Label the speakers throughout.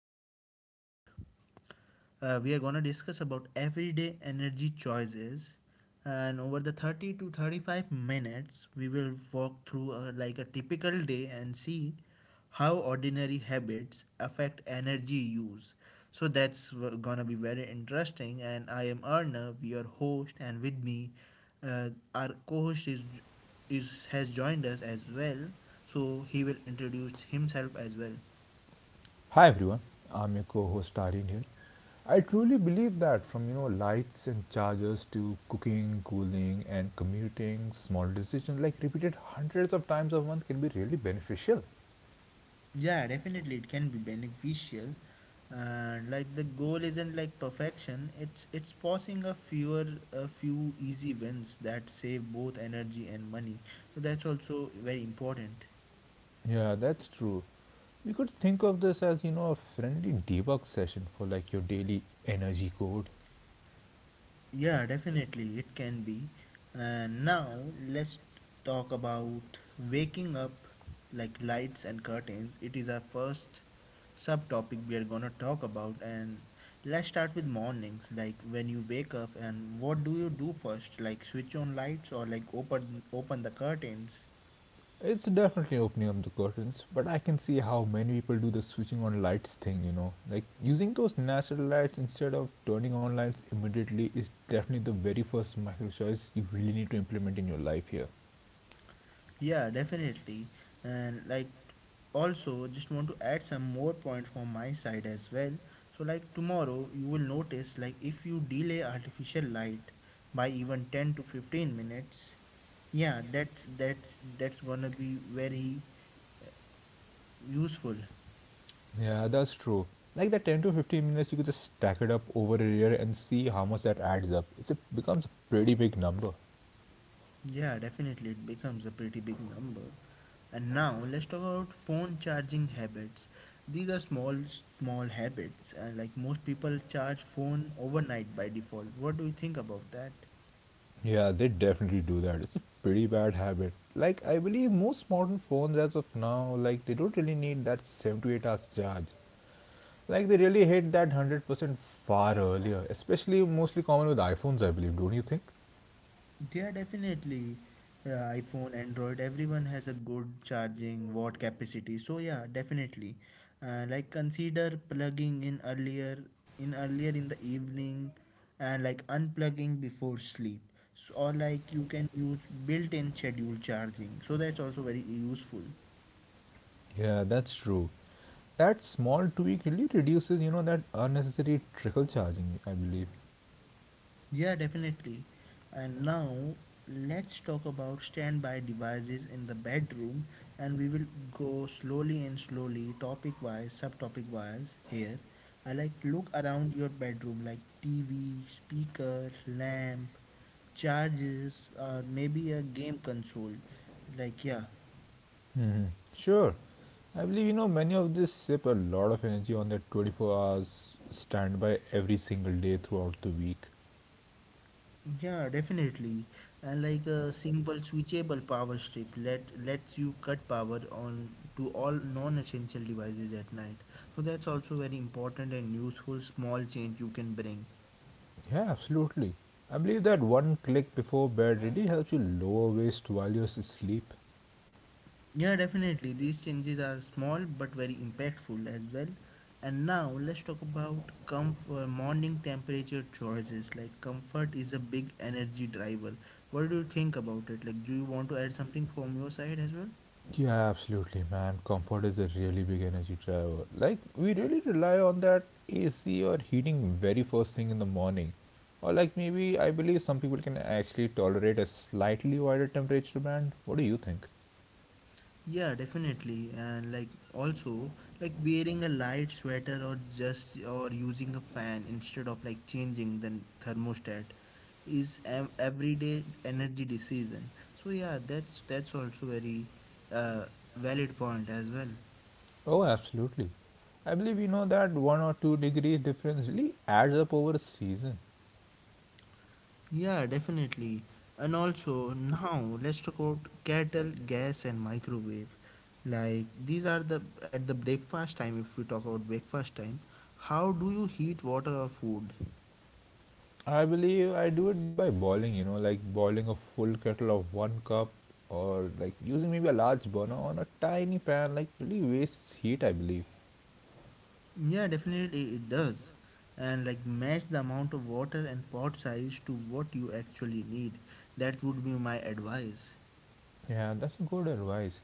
Speaker 1: we are going to discuss about everyday energy choices. And over the 30 to 35 minutes, we will walk through like a typical day and see how ordinary habits affect energy use. So that's gonna be very interesting. And I am Arnav, your host, and with me, uh, our co-host is has joined us as well. So he will introduce himself as well.
Speaker 2: Hi everyone, I'm your co-host Aryan here. I truly believe that from lights and chargers to cooking, cooling, and commuting, small decisions like repeated hundreds of times a month can be really beneficial.
Speaker 1: Yeah, definitely it can be beneficial. And like the goal isn't like perfection. It's passing a few easy wins that save both energy and money. So that's also very important.
Speaker 2: Yeah, that's true. We could think of this as a friendly debug session for like your daily energy code.
Speaker 1: Yeah, definitely it can be. And now let's talk about waking up, like lights and curtains. It is our first subtopic we are going to talk about. And let's start with mornings, like when you wake up and what do you do first, like switch on lights or like open the curtains.
Speaker 2: It's definitely opening up the curtains, but I can see how many people do the switching on lights thing, you know. Like using those natural lights instead of turning on lights immediately is definitely the very first micro choice you really need to implement in your life here.
Speaker 1: Yeah, definitely. And like also just want to add some more point from my side as well. So like tomorrow you will notice, like if you delay artificial light by even 10 to 15 minutes, yeah, that's gonna be very useful.
Speaker 2: Yeah, that's true. Like the 10 to 15 minutes, you could just stack it up over a year and see how much that adds up. Becomes a pretty big number.
Speaker 1: Yeah, definitely, it becomes a pretty big number. And now let's talk about phone charging habits. These are small, habits, and like most people charge phone overnight by default. What do you think about that?
Speaker 2: Yeah, they definitely do that. It's a pretty bad habit. Like I believe most modern phones as of now, like they don't really need that 7 to 8 hours charge. Like they really hit that 100% far earlier, especially mostly common with iPhones, I believe, don't you think?
Speaker 1: Yeah, definitely. iPhone, Android, everyone has a good charging watt capacity. So yeah, definitely. Like consider plugging in earlier, in the evening, and like unplugging before sleep. So, or like you can use built-in schedule charging. So that's also very useful.
Speaker 2: Yeah, that's true. That small tweak really reduces, you know, that unnecessary trickle charging, I believe.
Speaker 1: Yeah, definitely. And now let's talk about standby devices in the bedroom, and we will go slowly and slowly, topic wise, subtopic wise here. I like look around your bedroom, like TV, speaker, lamp, charges, or maybe a game console. Like, yeah.
Speaker 2: Sure. I believe, you know, many of this sip a lot of energy on that 24 hours standby every single day throughout the week.
Speaker 1: Yeah, definitely. And like a simple switchable power strip lets you cut power on to all non-essential devices at night. So that's also very important and useful small change you can bring.
Speaker 2: Yeah, absolutely. I believe that one click before bed really helps you lower waste while you're asleep.
Speaker 1: Yeah, definitely. These changes are small but very impactful as well. And now let's talk about comfort morning temperature choices. Like, comfort is a big energy driver. What do you think about it? Like, do you want to add something from your side as well?
Speaker 2: Yeah, absolutely, man. Comfort is a really big energy driver. Like, we really rely on that AC or heating very first thing in the morning. Or, like, maybe I believe some people can actually tolerate a slightly wider temperature band. What do you think?
Speaker 1: Yeah, definitely. And like also, like wearing a light sweater or just or using a fan instead of like changing the thermostat is an everyday energy decision. So yeah, that's also very uh, valid point as well.
Speaker 2: Oh, absolutely. I believe we know that 1 or 2 degrees difference really adds up over a season.
Speaker 1: Yeah, definitely. And also now let's talk about kettle, gas and microwave. Like, these are the, at the breakfast time, if we talk about breakfast time, how do you heat water or food?
Speaker 2: I believe I do it by boiling, you know, like boiling a full kettle of one cup or like using maybe a large burner on a tiny pan, like really wastes heat, I believe.
Speaker 1: Yeah, definitely it does. And like match the amount of water and pot size to what you actually need. That would be my advice.
Speaker 2: Yeah, that's good advice.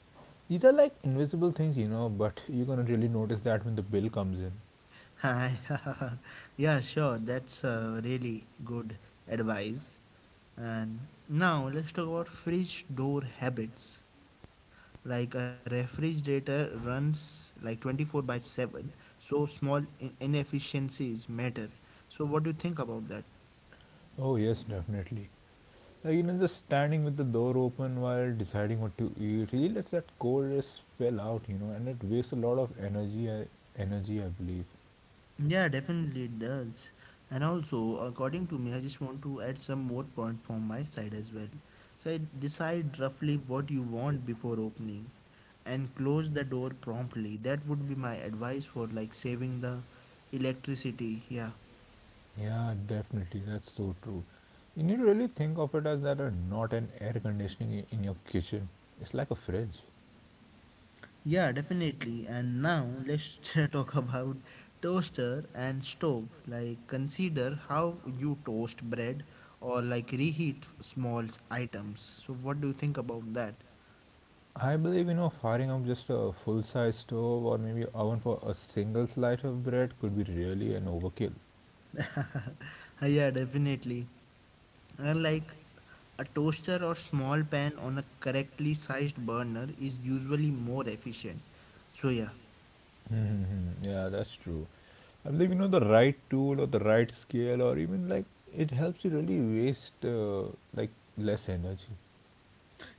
Speaker 2: These are like invisible things, you know, but you're gonna really notice that when the bill comes in.
Speaker 1: Yeah, sure. That's really good advice. And now let's talk about fridge door habits. Like, a refrigerator runs like 24 by 7, so small inefficiencies matter. So, what do you think about that?
Speaker 2: Oh, yes, definitely. Like, you know, just standing with the door open while deciding what to eat really lets that coldness spill out, you know, and it wastes a lot of energy, I believe.
Speaker 1: Yeah, definitely it does. And also, according to me, I just want to add some more point from my side as well. So, I decide roughly what you want before opening, and close the door promptly. That would be my advice for like saving the electricity. Yeah.
Speaker 2: Yeah, definitely. That's so true. You need to really think of it as that are not an air conditioning in your kitchen. It's like a fridge.
Speaker 1: Yeah, definitely. And now let's talk about toaster and stove. Like, consider how you toast bread or like reheat small items. So what do you think about that?
Speaker 2: I believe, you know, firing up just a full size stove or maybe oven for a single slice of bread could be really an overkill.
Speaker 1: Yeah, definitely. And like a toaster or small pan on a correctly sized burner is usually more efficient. So yeah.
Speaker 2: Mm-hmm. Yeah, that's true. I believe, you know, the right tool or the right scale or even like it helps you really waste like less energy.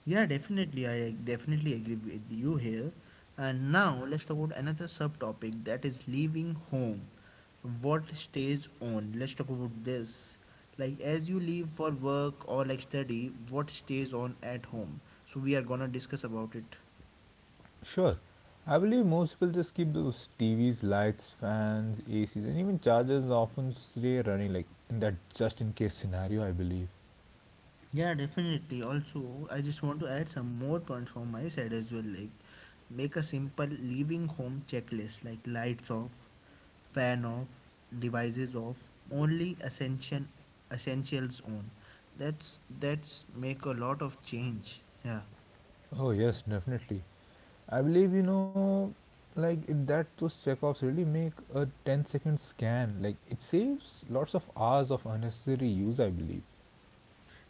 Speaker 1: Yeah, definitely. I like, definitely agree with you here. And now let's talk about another subtopic, that is leaving home. What stays on? Let's talk about this. Like, as you leave for work or like study, what stays on at home? So we are gonna discuss about it.
Speaker 2: Sure. I believe most people just keep those TVs, lights, fans, ACs, and even chargers often stay running, like in that just in case scenario, I believe.
Speaker 1: Yeah, definitely. Also, I just want to add some more points from my side as well. Like, make a simple leaving home checklist, like lights off, fan off, devices off, only essentials on. That's make a lot of change. Yeah.
Speaker 2: Oh, yes, definitely. I believe, you know, like it, that those checkups really make a 10 second scan. Like it saves lots of hours of unnecessary use, I believe.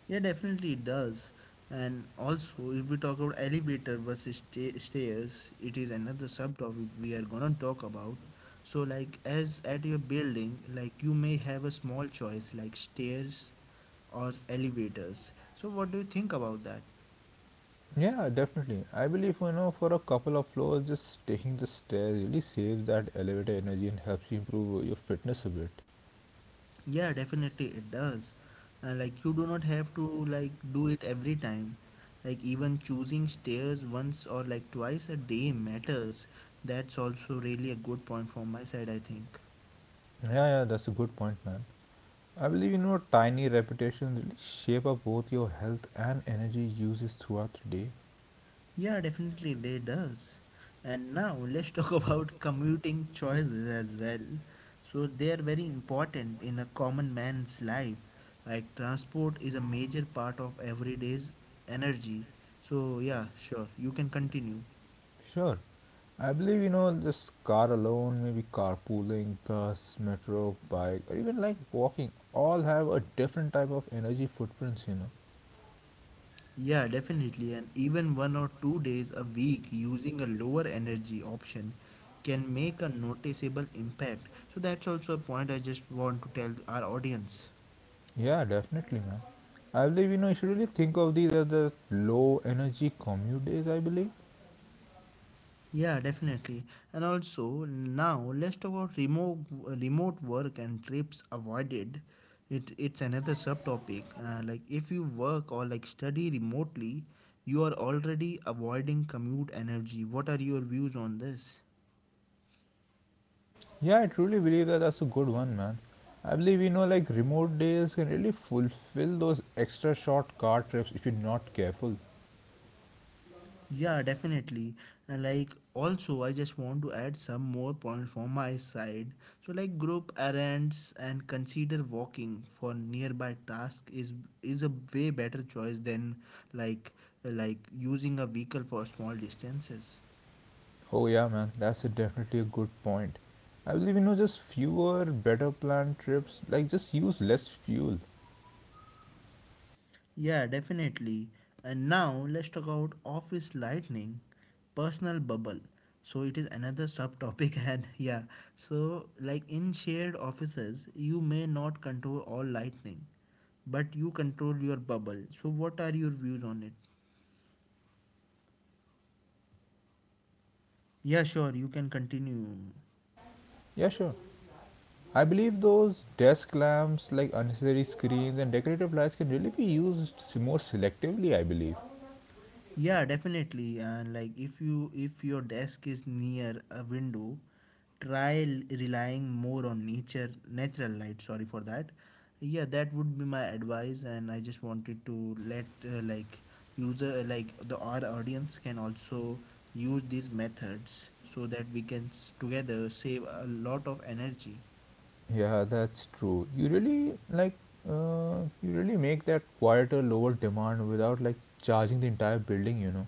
Speaker 1: Yeah, definitely it does. And also, if we talk about elevator versus stairs, it is another subtopic we are gonna talk about. So, like, as at your building, like, you may have a small choice like stairs or elevators. So, what do you think about that?
Speaker 2: Yeah, definitely. I believe, you know, for a couple of floors, just taking the stairs really saves that elevator energy and helps you improve your fitness a bit.
Speaker 1: Yeah, definitely it does. And like, you do not have to like do it every time. Like, even choosing stairs once or like twice a day matters. That's also really a good point from my side, I think.
Speaker 2: Yeah, yeah, that's a good point, man. I believe you know tiny repetitions really shape up both your health and energy uses throughout the day.
Speaker 1: Yeah, definitely they does. And now let's talk about commuting choices as well. So they are very important in a common man's life. Like, transport is a major part of everyday's energy. So yeah, sure, you can continue.
Speaker 2: Sure, I believe you know just car alone, maybe carpooling, bus, metro, bike, or even like walking, all have a different type of energy footprints. You know,
Speaker 1: Yeah, definitely. And even 1 or 2 days a week using a lower energy option can make a noticeable impact. So that's also a point I just want to tell our audience.
Speaker 2: yeah, definitely, man. I believe you know you should really think of these as the low energy commute days. I believe.
Speaker 1: Yeah, definitely. And also, now let's talk about remote work and trips avoided. It's another subtopic. Like if you work or like study remotely, you are already avoiding commute energy. What are your views on this?
Speaker 2: Yeah, I truly believe that that's a good one, man. I believe you know, like remote days can really fulfill those extra short car trips if you're not careful.
Speaker 1: Yeah, definitely. And like also, I just want to add some more point from my side. So like group errands and consider walking for nearby task is a way better choice than like like using a vehicle for small distances.
Speaker 2: Oh yeah, man, that's a definitely a good point. I believe you know, just fewer, better planned trips. Like just use less fuel.
Speaker 1: Yeah, definitely. And now let's talk about office lightning, personal bubble. So it is another subtopic, and yeah, so like in shared offices, you may not control all lightning, but you control your bubble. So what are your views on it?
Speaker 2: Yeah, I truly believe that, man. Like desk lamps, those
Speaker 1: Yeah, sure,
Speaker 2: unnecessary
Speaker 1: you can
Speaker 2: screen.
Speaker 1: continue.
Speaker 2: Yeah, sure. I believe those desk lamps, like unnecessary screens and decorative lights, can really be used more selectively. I believe.
Speaker 1: Yeah, definitely. And like if your desk is near a window, try relying more on nature natural light, sorry for that. Yeah, that would be my advice, and I just wanted to let like user like the our audience can also use these methods so that we can together save a lot of energy.
Speaker 2: Yeah, that's true. You really like uh, you really make that quieter, lower demand without like charging the entire building, you know.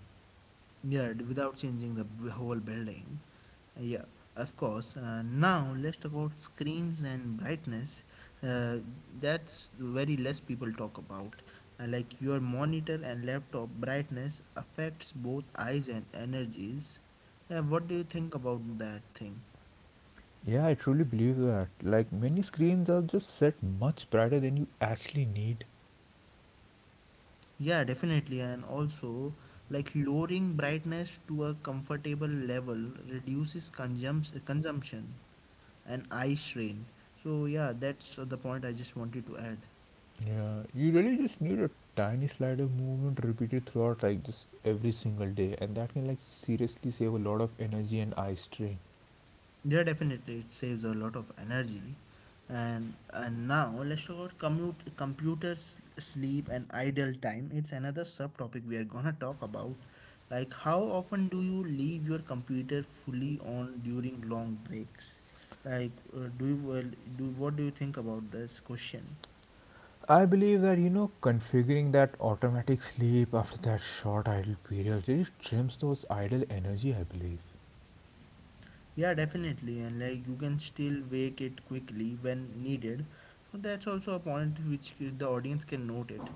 Speaker 1: Yeah, without changing the whole building. Yeah, of course. Now let's talk about screens and brightness. Uh, that's very less people talk about. Like, your monitor and laptop brightness affects both eyes and energies. What do you think about that thing?
Speaker 2: Yeah, I truly believe that. Like many screens are just set much brighter than you actually need.
Speaker 1: Yeah, definitely. And also, like lowering brightness to a comfortable level reduces consumption and eye strain. So yeah, that's the point I just wanted to add.
Speaker 2: Yeah, you really just need a tiny slider movement repeated throughout like just every single day, and that can like seriously save a lot of energy and eye strain.
Speaker 1: Yeah, definitely, it saves a lot of energy. And now let's talk about commute, computers, sleep, and idle time. It's another subtopic we are gonna talk about. Like, how often do you leave your computer fully on during long breaks? Like, do you well, do what do you think about this question?
Speaker 2: I believe that you know configuring that automatic sleep after that short idle period really trims those idle energy. I believe.
Speaker 1: Yeah, definitely, and like you can still wake it quickly when needed. So that's also a point which the audience can note it.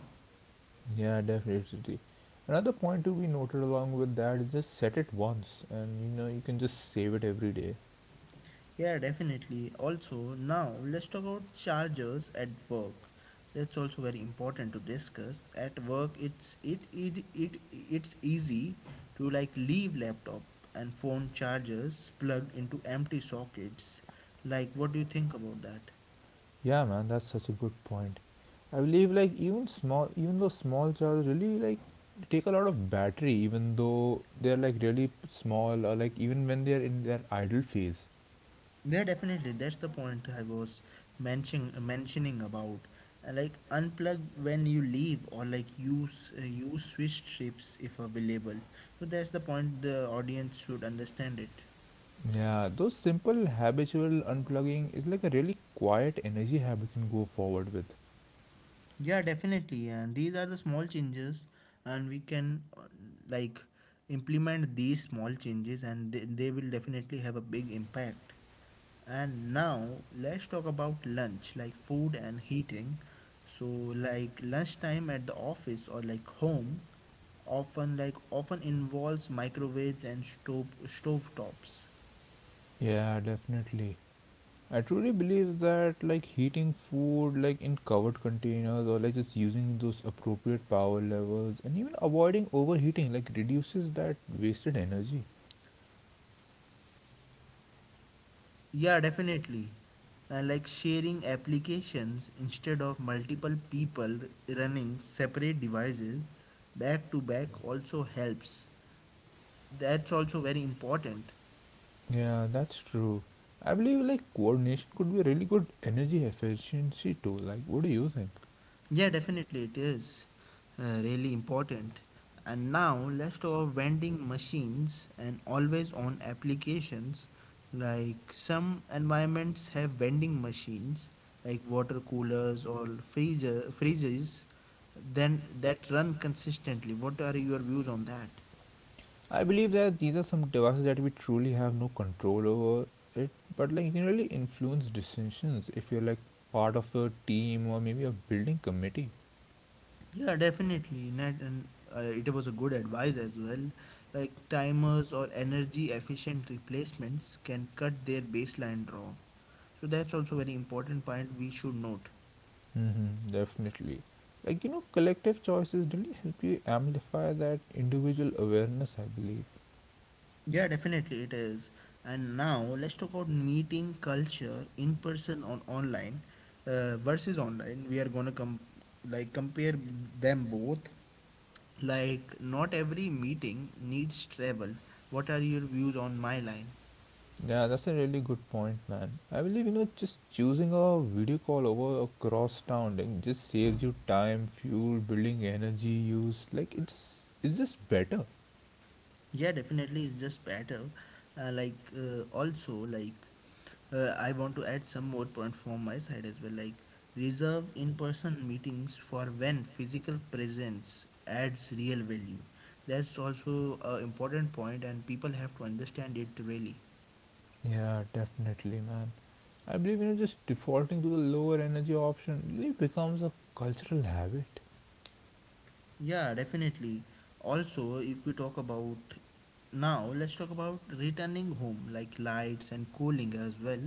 Speaker 2: Yeah, definitely. Another point to be noted along with that is just set it once, and you know you can just save it every day.
Speaker 1: Yeah, definitely. Also, now let's talk about chargers at work. That's also very important to discuss. At work, it's it it, it it's easy to like leave laptop and phone chargers plugged into empty sockets. Like, what do you think about that?
Speaker 2: Yeah, man, that's such a good point. I believe like even small, even though small charges really like take a lot of battery, even though they're like really small or like even when they're in their idle phase.
Speaker 1: Yeah, definitely. That's the point I was mentioning about. Like, unplug when you leave, or like use switch trips if available. So that's the point the audience should understand it.
Speaker 2: Yeah, those simple habitual unplugging is like a really quiet energy habit can go forward with.
Speaker 1: Yeah, definitely. And these are the small changes, and we can like implement these small changes, and they will definitely have a big impact. And now let's talk about lunch, like food and heating. So like lunchtime at the office or like home often involves microwaves and stove tops.
Speaker 2: Yeah, definitely. I truly believe that like heating food like in covered containers or like just using those appropriate power levels and even avoiding overheating like reduces that wasted energy.
Speaker 1: Yeah, definitely. And like sharing applications instead of multiple people running separate devices back to back also helps. That's also very important.
Speaker 2: Yeah, that's true. I believe like coordination could be a really good energy efficiency tool. Like, what do you think?
Speaker 1: Yeah, definitely it is really important. And now let's talk about vending machines and always on applications. Like, some environments have vending machines, like water coolers or freezers, then that run consistently. What are your views on that?
Speaker 2: I believe that these are some devices that we truly have no control over it, but like you can really influence decisions if you're like part of a team or maybe a building committee.
Speaker 1: Yeah, definitely. Net, and it was a good advice as well. Like, timers or energy efficient replacements can cut their baseline draw. So that's also very important point we should note.
Speaker 2: Mm-hmm, definitely. Like you know, collective choices really help you amplify that individual awareness. I believe.
Speaker 1: Yeah, definitely it is. And now let's talk about meeting culture, in person on online versus online. We are gonna com like compare them both. Like, not every meeting needs travel. What are your views on my line?
Speaker 2: Yeah, that's a really good point, man. I believe you know just choosing a video call over across town like just saves you time, fuel, building energy use. Like it's just better.
Speaker 1: Yeah, definitely, it's just better. Like also like I want to add some more point from my side as well, like reserve in-person meetings for when physical presence adds real value. That's also an important point, and people have to understand it really.
Speaker 2: Yeah, definitely, man. I believe you know just defaulting to the lower energy option really becomes a cultural habit.
Speaker 1: Yeah, definitely. Also, if we talk about Now, let's talk about returning home, like lights and cooling as well.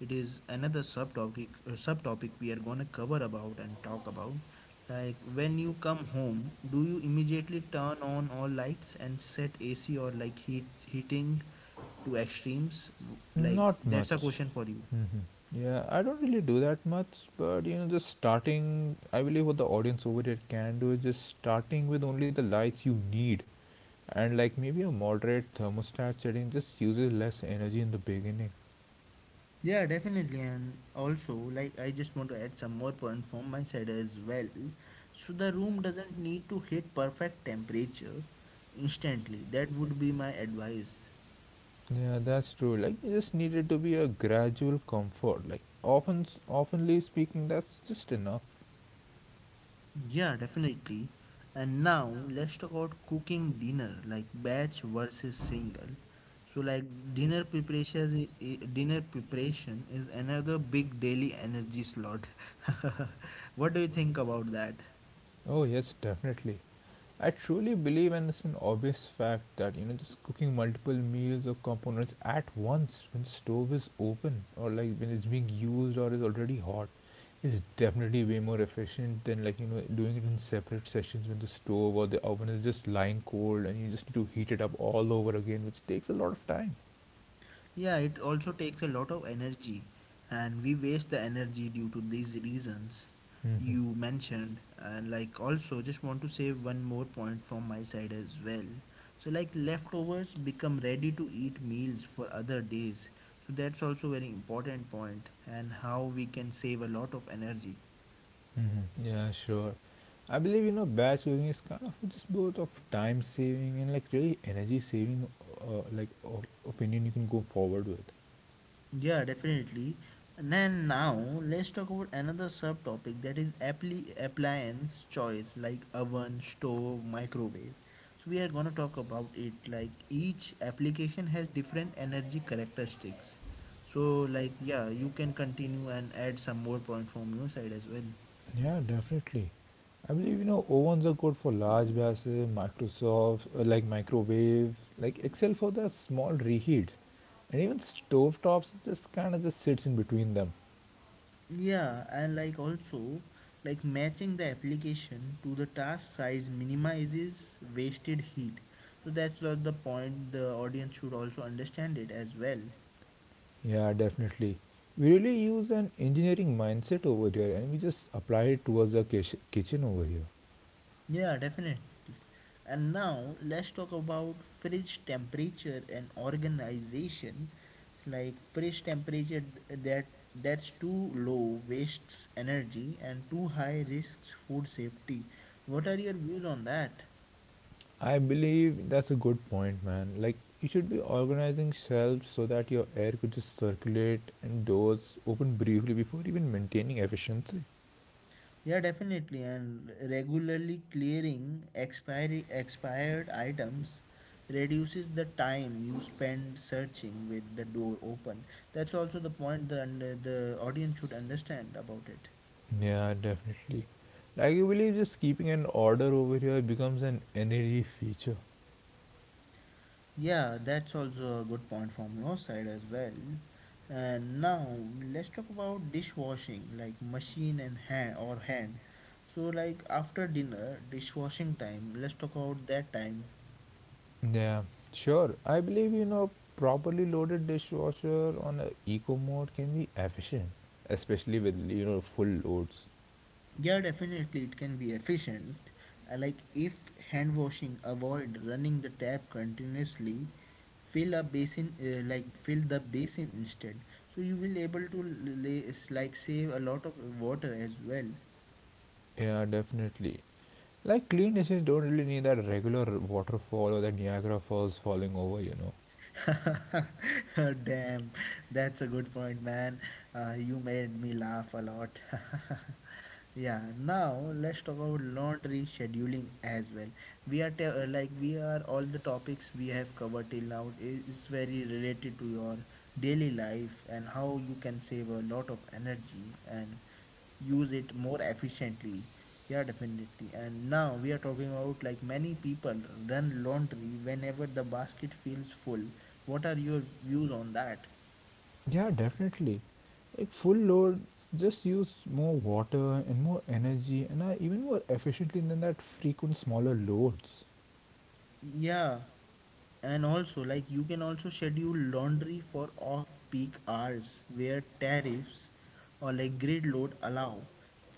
Speaker 1: It is another subtopic subtopic we are gonna cover about and talk about. Like when you come home, do you immediately turn on all lights and set AC or like heating to extremes? Like
Speaker 2: Not
Speaker 1: that's a
Speaker 2: much.
Speaker 1: question for you.
Speaker 2: Yeah, I don't really do that much, but you know, just starting. I believe what the audience over here can do is just starting with only the lights you need, and like maybe a moderate thermostat setting just uses less energy in the beginning.
Speaker 1: Yeah, definitely. And also, like, I just want to add some more point from my side as well. So, the room doesn't need to hit perfect temperature instantly. That would be my advice.
Speaker 2: Yeah, that's true. Like you just needed to be a gradual comfort. Like often, oftenly speaking, that's just enough.
Speaker 1: Yeah, definitely. And now, let's talk about cooking dinner, like batch versus single. So, like, dinner preparation is another big daily energy slot. What do you think about that?
Speaker 2: Oh yes, definitely. I truly believe, and it's an obvious fact that you know just cooking multiple meals or components at once when the stove is open or like when it's being used or is already hot is definitely way more efficient than like you know doing it in separate sessions when the stove or the oven is just lying cold and you just need to heat it up all over again, which takes a lot of time.
Speaker 1: Yeah, it also takes a lot of energy, and we waste the energy due to these reasons
Speaker 2: Hmm.
Speaker 1: you mentioned. And like, also, just want to say one more point from my side as well. So, like, leftovers become ready to eat meals for other days. So, that's also very important point, and how we can save a lot of energy.
Speaker 2: Mhm. Yeah, sure. I believe you know batch cooking is kind of just both of time saving and like really energy saving, like opinion you can go forward with.
Speaker 1: Yeah, definitely. And then now let's talk about another subtopic, that is appliance choice, like oven, stove, microwave. So we are gonna talk about it, like each application has different energy characteristics. So like yeah, you can continue and add some more point from your side as well.
Speaker 2: Yeah, definitely. I believe you know ovens are good for large batches, Microsoft like microwave, like Excel for the small reheats, and even stovetops just kind of just sits in between them.
Speaker 1: Yeah, and like also, like matching the application to the task size minimizes wasted heat. So that's what the point the audience should also understand it as well.
Speaker 2: Yeah, definitely. We really use an engineering mindset over here, and we just apply it towards the kitchen over here.
Speaker 1: Yeah, definitely. And now let's talk about fridge temperature and organization. Like fridge temperature that that's too low wastes energy and too high risks food safety. What are your views on that?
Speaker 2: I believe that's a good point, man. Like, you should be organizing shelves so that your air could just circulate and doors open briefly before even maintaining efficiency.
Speaker 1: Yeah, definitely. And regularly clearing expiry expired items reduces the time you spend searching with the door open. That's also the point the and the audience should understand about it.
Speaker 2: Yeah, definitely. Like, I believe just keeping an order over here becomes an energy feature.
Speaker 1: Yeah, that's also a good point from your side as well. And now let's talk about dishwashing, like machine and hand or hand. So like after dinner, dishwashing time. Let's talk about that time.
Speaker 2: Yeah, sure. I believe, you know, properly loaded dishwasher on a eco mode can be efficient, especially with, you know, full loads.
Speaker 1: Yeah, definitely it can be efficient. Like if hand washing, avoid running the tap continuously. Fill a basin, fill the basin instead. So you will able to l- lay, s- like save a lot of water as well.
Speaker 2: Yeah, definitely. Like clean dishes don't really need that regular waterfall or that Niagara Falls falling over, you know.
Speaker 1: Damn, that's a good point, man. You made me laugh a lot. Yeah, now let's talk about laundry scheduling as well. We are te- like we are All the topics we have covered till now is very related to your daily life and how you can save a lot of energy and use it more efficiently. Yeah, definitely. And now we are talking about, like, many people run laundry whenever the basket feels full. What are your views on that?
Speaker 2: Yeah, definitely. Like full loads just use more water and more energy and are even more efficiently than that frequent smaller loads.
Speaker 1: Yeah. And also, like, you can also schedule laundry for off peak hours where tariffs or like grid load allow.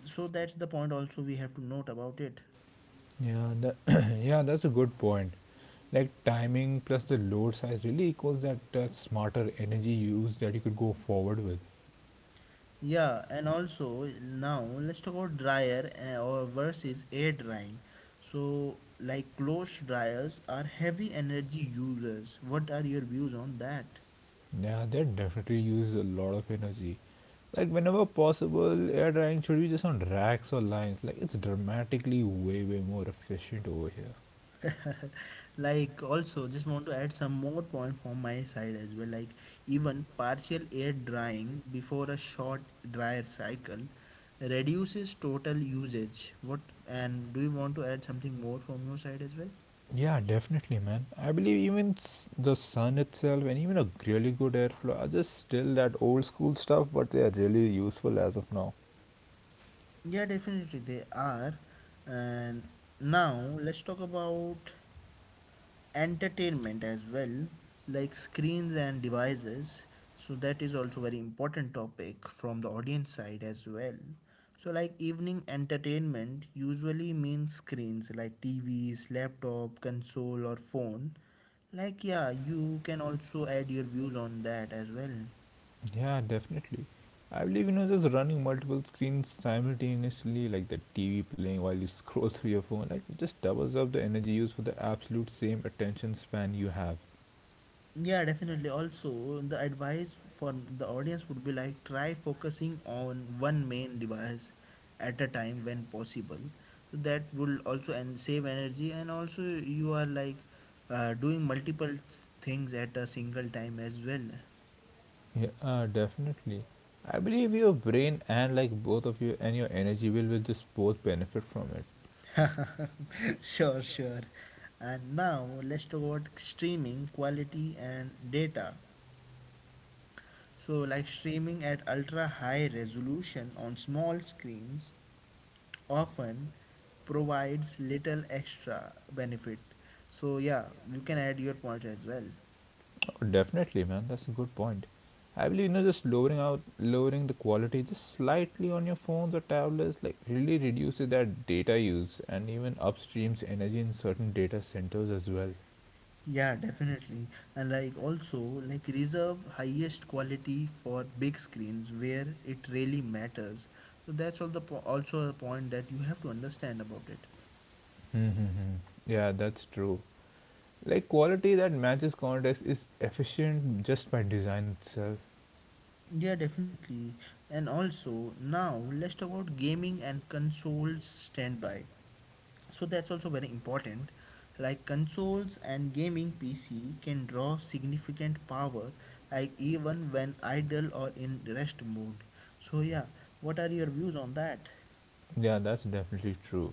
Speaker 1: So that's the point also we have to note about it.
Speaker 2: Yeah, that, yeah, that's a good point. Like timing plus the load size really equals that smarter energy use that you could go forward with.
Speaker 1: Yeah, and also now let's talk about dryer or versus air drying. So, like clothes dryers are heavy energy users. What are your views on that?
Speaker 2: Yeah, that definitely uses a lot of energy. Like whenever possible, air drying should be just on racks or lines. Like it's dramatically way more efficient over here.
Speaker 1: Like, also, just want to add some more point from my side as well. Like, even partial air drying before a short dryer cycle reduces total usage. What, and do you want to add something more from your side as well?
Speaker 2: Yeah, definitely, man. I believe even the sun itself and even a really good airflow are just still that old school stuff, but they are really useful as of now.
Speaker 1: Yeah, definitely they are. And now let's talk about entertainment as well, like screens and devices. So that is also very important topic from the audience side as well. So like evening entertainment usually means screens like TVs, laptop, console or phone. Like yeah, you can also add your views on that as well.
Speaker 2: Yeah, definitely. I believe you know just running multiple screens simultaneously, like the TV playing while you scroll through your phone, like it just doubles up the energy used for the absolute same attention span you have.
Speaker 1: Yeah, definitely. Also, the advice for the audience would be like try focusing on one main device at a time when possible. So that will also and save energy, and also you are like things at a single time as well.
Speaker 2: Yeah, definitely. I believe your brain and like both of you and your energy will just both benefit from it.
Speaker 1: Sure, sure. And now let's talk about streaming quality and data. So, like streaming at ultra high resolution on small screens often provides little extra benefit. So yeah, you can add your points as well.
Speaker 2: Definitely, man. That's a good point. I believe you know just lowering the quality just slightly on your phones or tablets like really reduces that data use and even upstreams energy in certain data centers as well.
Speaker 1: Yeah, definitely. And like also like reserve highest quality for big screens where it really matters. So that's all the also a point that you have to understand about it.
Speaker 2: Mm-hmm. Yeah, that's true. Like quality that matches context is efficient just by design itself.
Speaker 1: Yeah, definitely. And also now let's talk about gaming and consoles standby. So that's also very important. Like consoles and gaming PC can draw significant power, like even when idle or in rest mode. So yeah, what are your views on that?
Speaker 2: Yeah, that's definitely true.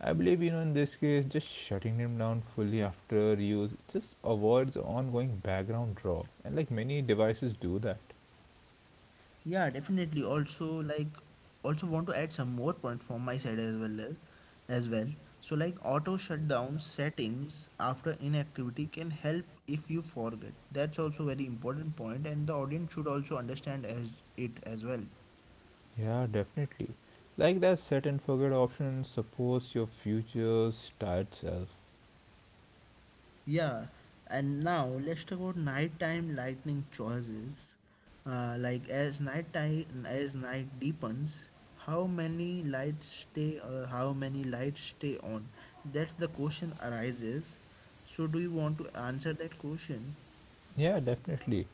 Speaker 2: I believe you know in this case, just shutting them down fully after use just avoids ongoing background draw, and like many devices do that.
Speaker 1: Yeah, definitely. Also, like, also want to add some more points from my side as well. So like auto shutdown settings after inactivity can help if you forget. That's also very important point and the audience should also understand as it as well.
Speaker 2: Yeah, definitely. Like that set and forget option, supports your future's tired self.
Speaker 1: Yeah, and now let's talk about nighttime lighting choices. As night deepens, how many lights stay? How many lights stay on? That's the question arises. So, do you want to answer that question?
Speaker 2: Yeah, definitely.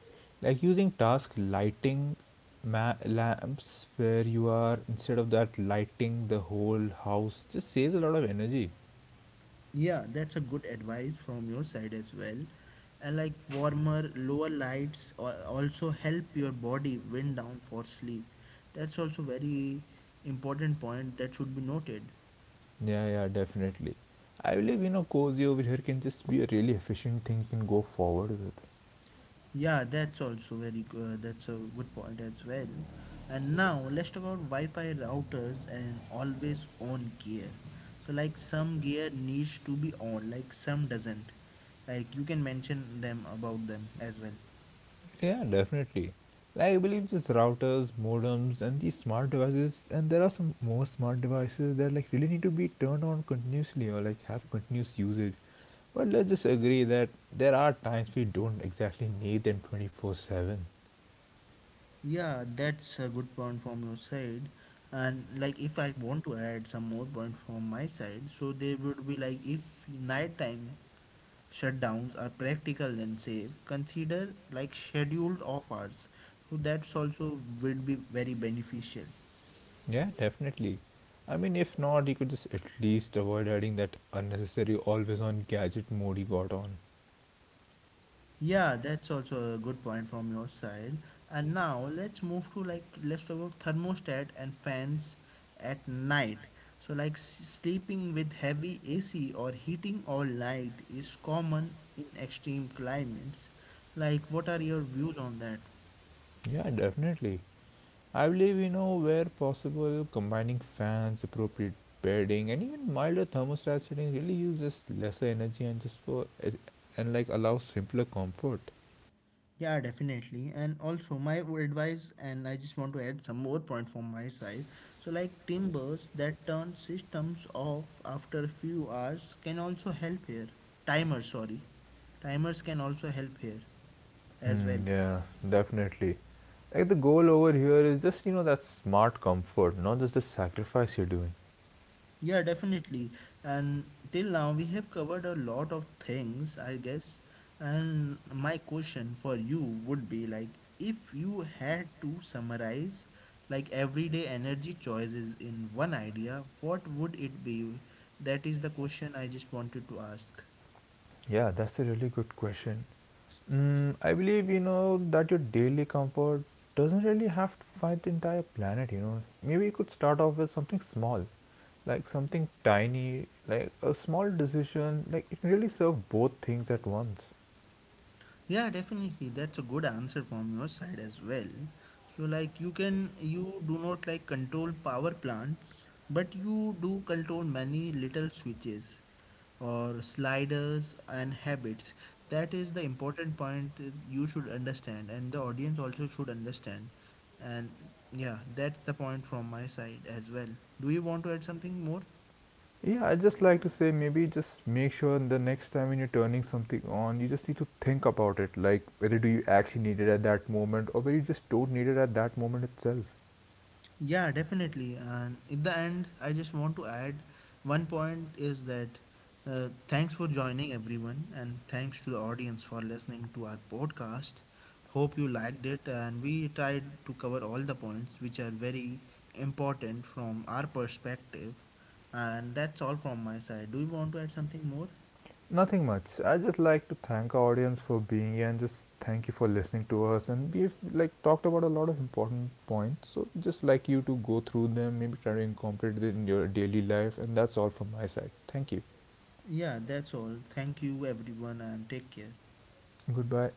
Speaker 2: Like using task lighting lamps where you are, instead of that lighting the whole house, just saves a lot of energy.
Speaker 1: Yeah, that's a good advice from your side as well. And like warmer, lower lights also help your body wind down for sleep. That's also very important point that should be noted.
Speaker 2: Yeah, definitely. I believe, you know, cozy over here can just be a really efficient thing you can go forward with.
Speaker 1: Yeah, that's also very good. That's a good point as well. And now let's talk about Wi-Fi routers and always on gear. So like some gear needs to be on, like some doesn't. Like you can mention them about them as well.
Speaker 2: Yeah, definitely. Like I believe these routers, modems, and these smart devices, and there are some more smart devices that like really need to be turned on continuously or like have continuous usage. But let's just agree that there are times we don't exactly need them 24/7.
Speaker 1: Yeah, that's a good point from your side. And like if I want to add some more point from my side, so they would be like if night time shutdowns are practical and safe, consider like scheduled off. So that's also would be very beneficial.
Speaker 2: Yeah, definitely. I mean, if not, you could just at least avoid adding that unnecessary always on gadget mode you got on.
Speaker 1: Yeah, that's also a good point from your side. And now let's move to like let's talk about thermostat and fans at night. So like sleeping with heavy AC or heating all night is common in extreme climates. Like, what are your views on that?
Speaker 2: Yeah, definitely. I believe, you know, where possible, combining fans, appropriate bedding, and even milder thermostat setting really uses lesser energy and just for and like allows simpler comfort.
Speaker 1: Yeah, definitely. And also, my advice, and I just want to add some more point from my side. So, like timbers that turn systems off after a few hours can also help here. Timers, sorry. Timers can also help here as well.
Speaker 2: Hmm, yeah, definitely. Like the goal over here is just, you know, that smart comfort, not just the sacrifice you're doing.
Speaker 1: Yeah, definitely. And till now, we have covered a lot of things, I guess. And my question for you would be like, if you had to summarize like everyday energy choices in one idea, what would it be? That is the question I just wanted to ask.
Speaker 2: Yeah, that's a really good question. Mm, I believe you know that your daily comfort doesn't really have to fight the entire planet. You know, maybe you could start off with something small, like something tiny, like a small decision. Like it can really serve both things at once.
Speaker 1: Yeah, definitely. That's a good answer from your side as well. So like you can, you do not like control power plants, but you do control many little switches or sliders and habits. That is the important point that you should understand and the audience also should understand. And yeah, that's the point from my side as well. Do you want to add something more?
Speaker 2: Yeah, I just like to say maybe just make sure the next time when you're turning something on, you just need to think about it, like whether do you actually need it at that moment or whether you just don't need it at that moment itself.
Speaker 1: Yeah, definitely. And in the end, I just want to add one point is that thanks for joining everyone, and thanks to the audience for listening to our podcast. Hope you liked it, and we tried to cover all the points which are very important from our perspective. And that's all from my side. Do you want to add something more?
Speaker 2: Nothing much. I just like to thank our audience for being here and just thank you for listening to us. And we've like talked about a lot of important points. So just like you to go through them, maybe try to incorporate it in your daily life. And that's all from my side. Thank you.
Speaker 1: Yeah, that's all. Thank you, everyone, and take care.
Speaker 2: Goodbye.